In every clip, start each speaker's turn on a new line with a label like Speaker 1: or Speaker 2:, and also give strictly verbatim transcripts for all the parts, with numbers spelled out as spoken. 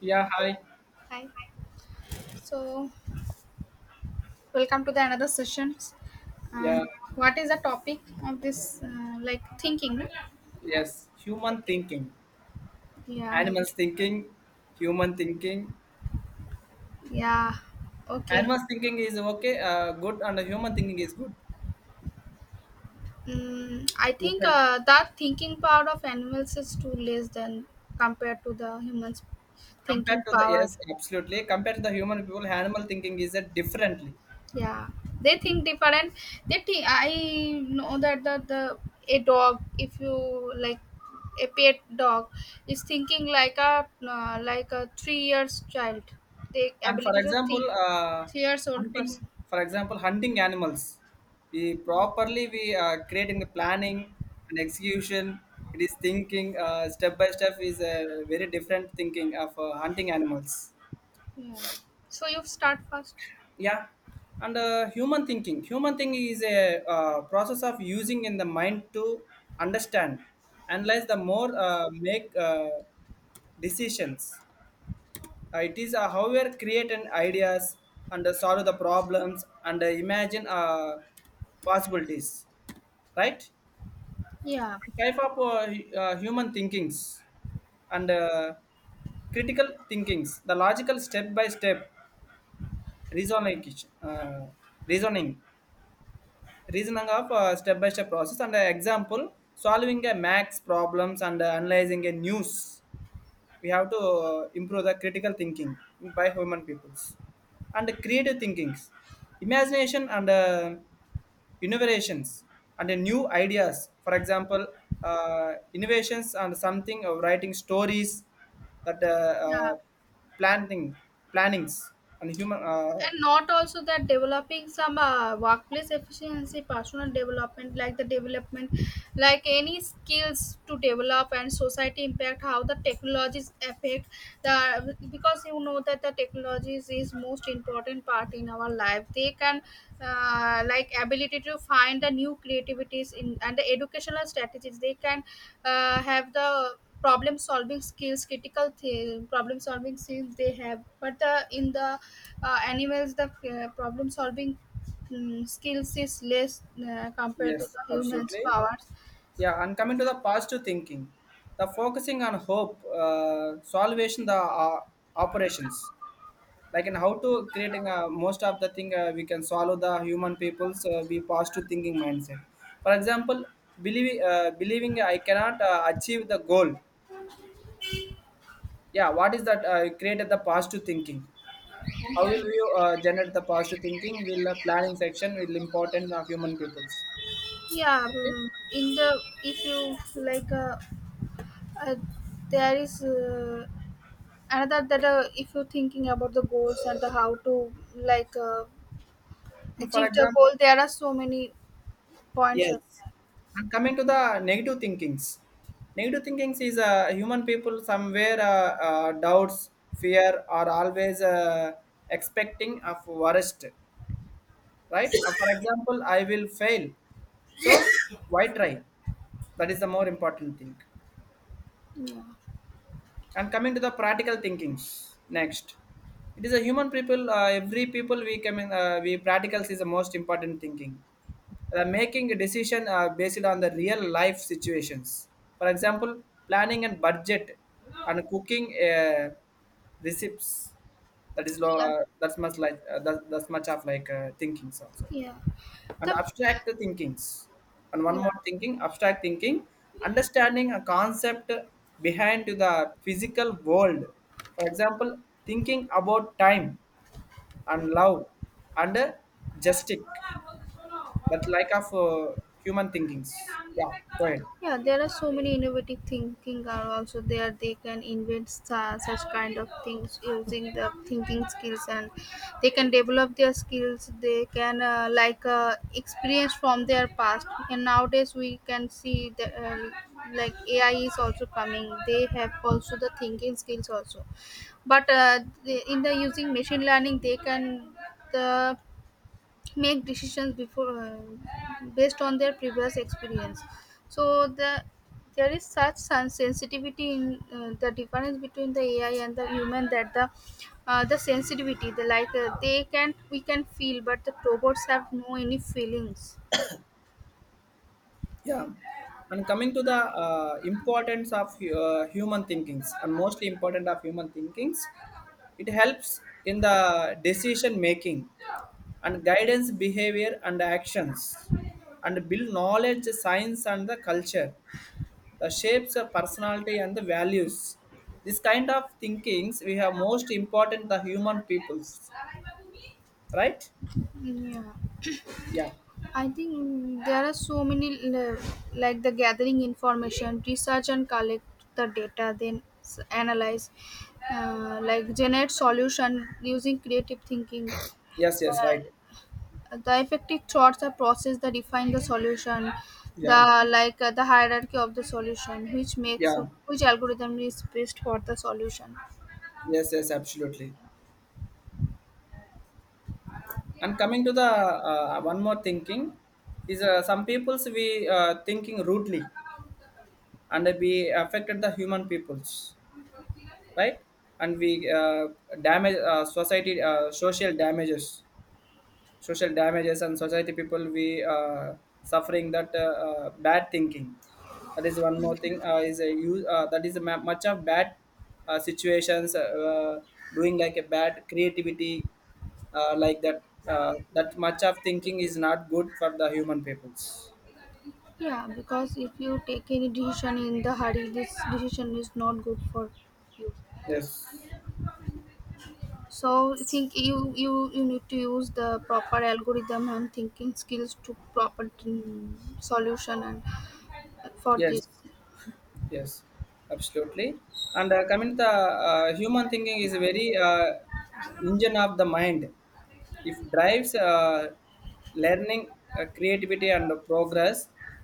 Speaker 1: Yeah, hi.
Speaker 2: Hi. So, welcome to the another sessions.
Speaker 1: Yeah,
Speaker 2: Um, what is the topic of this? Uh, like thinking, right?
Speaker 1: yes. Human
Speaker 2: Okay.
Speaker 1: thinking,
Speaker 2: Yeah.
Speaker 1: animals thinking, human thinking.
Speaker 2: Yeah. Okay.
Speaker 1: Animals thinking is okay, uh, good, and the human thinking is good.
Speaker 2: Mm, I
Speaker 1: You
Speaker 2: think
Speaker 1: can
Speaker 2: uh, that thinking power of animals is too less than compared to the humans'
Speaker 1: compared
Speaker 2: thinking
Speaker 1: to the
Speaker 2: power.
Speaker 1: yes, absolutely. Compared to the human people, animal thinking is uh, differently.
Speaker 2: Yeah, they think different. They think, I know that the, the a dog, if you like a pet dog, is thinking like a uh, like a three years child. They
Speaker 1: And for
Speaker 2: ability to
Speaker 1: example,
Speaker 2: think
Speaker 1: uh,
Speaker 2: three years old
Speaker 1: hunting.
Speaker 2: person.
Speaker 1: For example, hunting animals. We properly we uh, creating the planning and execution. It is thinking uh, step by step is a very different thinking of uh, hunting animals.
Speaker 2: Yeah, so you start first.
Speaker 1: Yeah, and uh, human thinking human thinking is a uh, process of using in the mind to understand analyze the more uh, make uh, decisions. Uh, it is uh, however create an ideas and uh, solve the problems and uh, imagine uh, possibilities, right?
Speaker 2: Yeah.
Speaker 1: Type of uh, hu- uh, human thinkings, and uh, critical thinkings, the logical step by step reasoning, uh, reasoning reasoning of uh, step-by-step process and uh, example solving a max problems and uh, analyzing a news. We have to uh, improve the critical thinking by human peoples, and creative thinkings, imagination, and uh, innovations and uh, new ideas. For example, uh, innovations and something of writing stories that uh,
Speaker 2: Yeah.
Speaker 1: uh, planning, plannings, and human uh,
Speaker 2: And not also that developing some uh, workplace efficiency, personal development, like the development, like any skills to develop and society impact, how the technologies affect the, because you know that the technologies is most important part in our life. They can uh, like ability to find the new creativities in and the educational strategies. They can uh, have the problem solving skills critical th- problem solving skills they have, but uh, in the uh, animals the uh, problem solving mm, skills is less uh, compared
Speaker 1: yes,
Speaker 2: to the humans
Speaker 1: absolutely.
Speaker 2: powers.
Speaker 1: Yeah, and coming to the positive thinking, the focusing on hope, uh, solvation, the uh, operations, like in how to creating uh, most of the thing uh, we can solve the human people's uh, we positive thinking mindset. For example, believing uh, believing I cannot uh, achieve the goal. Yeah, what is that? Uh, created the positive thinking. How will you uh, generate the positive thinking? Will uh, planning section will important of human peoples.
Speaker 2: Yeah. mm, in the, if you like uh, uh, there is uh, another that uh, if you're thinking about the goals and the how to like uh,
Speaker 1: And for
Speaker 2: achieve the goal,
Speaker 1: example,
Speaker 2: there are so many points of
Speaker 1: yes.
Speaker 2: that.
Speaker 1: And coming to the negative thinkings, negative thinkings is uh, human people somewhere uh, uh, doubts, fear are always uh, expecting of worst, right? Uh, for example, I will fail. So why try? That is the more important thing.
Speaker 2: Yeah.
Speaker 1: And coming to the practical thinkings next, it is a human people. Uh, every people we come in, uh, we practicals is the most important thinking, the making a decision are based on the real life situations. For example, planning and budget and cooking uh, recipes. That is lo-
Speaker 2: Yeah.
Speaker 1: uh, that's much like uh, that, that's much of like uh, thinkings also,
Speaker 2: Yeah.
Speaker 1: and
Speaker 2: The.
Speaker 1: abstract thinkings. And one
Speaker 2: Yeah.
Speaker 1: more thinking, abstract thinking, understanding a concept behind to the physical world. For example, thinking about time and love and uh, justice, but like of uh, human thinkings. Yeah, go ahead.
Speaker 2: Yeah, there are so many innovative thinking are also there. They can invent su- such kind of things using the thinking skills, and they can develop their skills. They can uh, like uh, experience from their past, and nowadays we can see that uh, like AI is also coming. They have also the thinking skills also, but uh, the- in the using machine learning, they can the make decisions before uh, based on their previous experience. So the, there is such sen- sensitivity in uh, the difference between the AI and the human, that the uh, the sensitivity the like uh, they can, we can feel, but the robots have no any feelings.
Speaker 1: Yeah, and coming to the uh, importance of uh, human thinkings, and mostly important of human thinkings, it helps in the decision making and guidance behavior and actions, and build knowledge, science, and the culture, the shapes the personality and the values. This kind of thinkings we have most important the human peoples, right?
Speaker 2: Yeah,
Speaker 1: Yeah,
Speaker 2: I think, mm, there are so many uh, like the gathering information, research and collect the data, then s- analyze, uh, like generate solution using creative thinking.
Speaker 1: yes, yes, right.
Speaker 2: The effective thoughts are process that define the solution, the
Speaker 1: Yeah,
Speaker 2: like, uh, the hierarchy of the solution, which makes
Speaker 1: yeah,
Speaker 2: which algorithm is best for the solution.
Speaker 1: yes, yes, absolutely. And coming to the uh, one more thinking is uh, some peoples we uh, thinking rudely and we affected the human peoples, right? And we uh, damage uh, society uh, social damages social damages and society people we uh, suffering that uh, uh, bad thinking. That is one more thing uh, is a use uh, that is a ma- much of bad uh, situations uh, uh, doing like a bad creativity, uh, like that uh, that much of thinking is not good for the human peoples.
Speaker 2: Yeah, because if you take any decision in the hurry, this decision is not good for you.
Speaker 1: Yes,
Speaker 2: So I think you, you you need to use the proper algorithm and thinking skills to proper mm, solution, and for
Speaker 1: yes,
Speaker 2: this.
Speaker 1: yes, absolutely. And uh, coming to the uh, human thinking is very uh, engine of the mind. If drives uh, learning, uh, creativity, and the progress.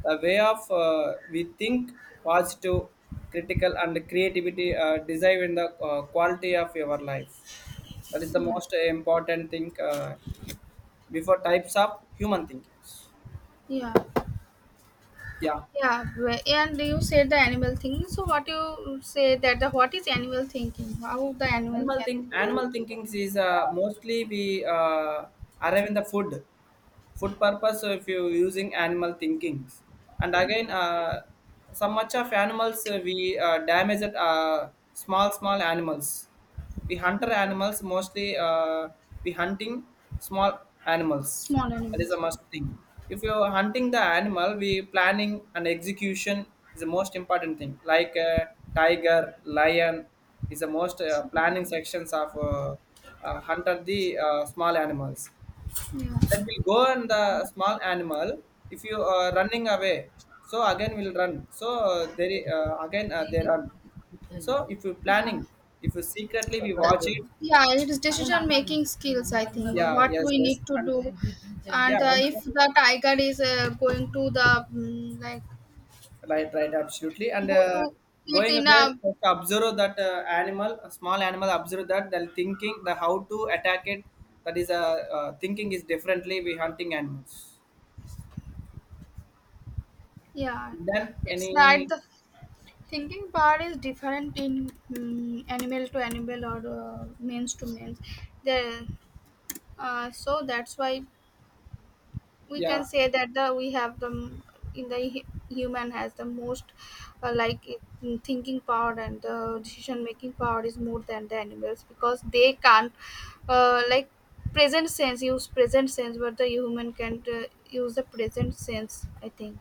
Speaker 1: The way of uh, we think positive, critical, and creativity uh, design in the uh, quality of your life. That is the
Speaker 2: Yeah.
Speaker 1: most important thing, uh, before types of human thinking.
Speaker 2: Yeah.
Speaker 1: Yeah.
Speaker 2: Yeah, wh- and you said the animal thinking. So what you say that the what is animal thinking? How the animal
Speaker 1: Animal
Speaker 2: can
Speaker 1: think animal
Speaker 2: think?
Speaker 1: thinking is uh, mostly we uh, arrive in the food food purpose. So if you using animal thinkings, and again uh, so much of animals uh, we uh, damage it, uh, small small animals. We
Speaker 2: Yeah.
Speaker 1: hunter animals mostly, uh, we hunting small animals.
Speaker 2: Small
Speaker 1: That is a
Speaker 2: animals.
Speaker 1: must thing. If you are hunting the animal, we planning and execution is the most important thing, like uh, tiger, lion is the most uh, planning sections of uh, uh, hunter the uh, small animals.
Speaker 2: Yeah,
Speaker 1: Then we'll go on the small animal. If you are running away, so again we'll run. So uh, there i- uh, again uh, they run. So if you
Speaker 2: yeah,
Speaker 1: planning, if you secretly we watch it,
Speaker 2: yeah. It is decision making skills. I think
Speaker 1: yeah,
Speaker 2: what
Speaker 1: yes,
Speaker 2: we
Speaker 1: yes,
Speaker 2: need to
Speaker 1: and
Speaker 2: do,
Speaker 1: yeah,
Speaker 2: and uh,
Speaker 1: I'm
Speaker 2: if
Speaker 1: sorry.
Speaker 2: the tiger is uh, going to the, mm, like
Speaker 1: Right, right, absolutely. And
Speaker 2: go
Speaker 1: uh,
Speaker 2: to eat
Speaker 1: going
Speaker 2: in
Speaker 1: away,
Speaker 2: a,
Speaker 1: first observe that uh, animal, a small animal, observe that the thinking, the how to attack it. That is, uh, uh, thinking is differently we hunting animals.
Speaker 2: yeah,
Speaker 1: Then
Speaker 2: it's
Speaker 1: any,
Speaker 2: not the thinking part is different in mm animal to animal or uh, means to means. The. Uh, so that's why we
Speaker 1: yeah.
Speaker 2: can say that the we have the m- in the hu- human has the most uh, like mm, thinking power and the decision making power is more than the animals, because they can't uh, like present sense, use present sense, but the human can uh, use the present sense, I think.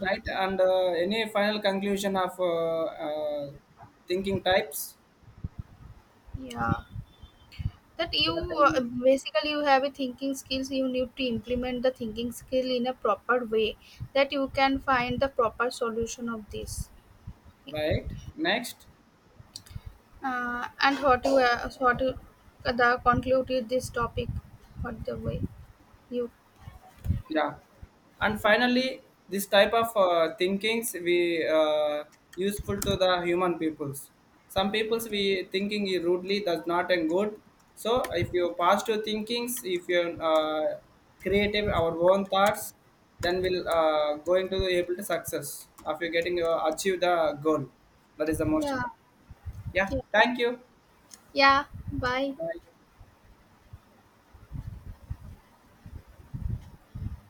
Speaker 1: Right, and uh, any final conclusion of uh, uh, thinking types?
Speaker 2: Yeah, that
Speaker 1: Yeah,
Speaker 2: you
Speaker 1: tell me.
Speaker 2: uh, basically you have a thinking skills, you need to implement the thinking skill in a proper way, that you can find the proper solution of this.
Speaker 1: Right, next.
Speaker 2: Uh, and what you uh, what you the concluded this topic, what the way you.
Speaker 1: Yeah. And finally, this type of uh, thinkings we uh, useful to the human peoples. Some peoples we thinking is rudely does not and good. So if you positive thinkings, if you uh, creative our own thoughts, then we'll uh, going to be able to success. After getting uh, achieve the goal, that is the most
Speaker 2: Yeah.
Speaker 1: important. Yeah,
Speaker 2: Yeah.
Speaker 1: thank you.
Speaker 2: Yeah. Bye.
Speaker 1: Bye.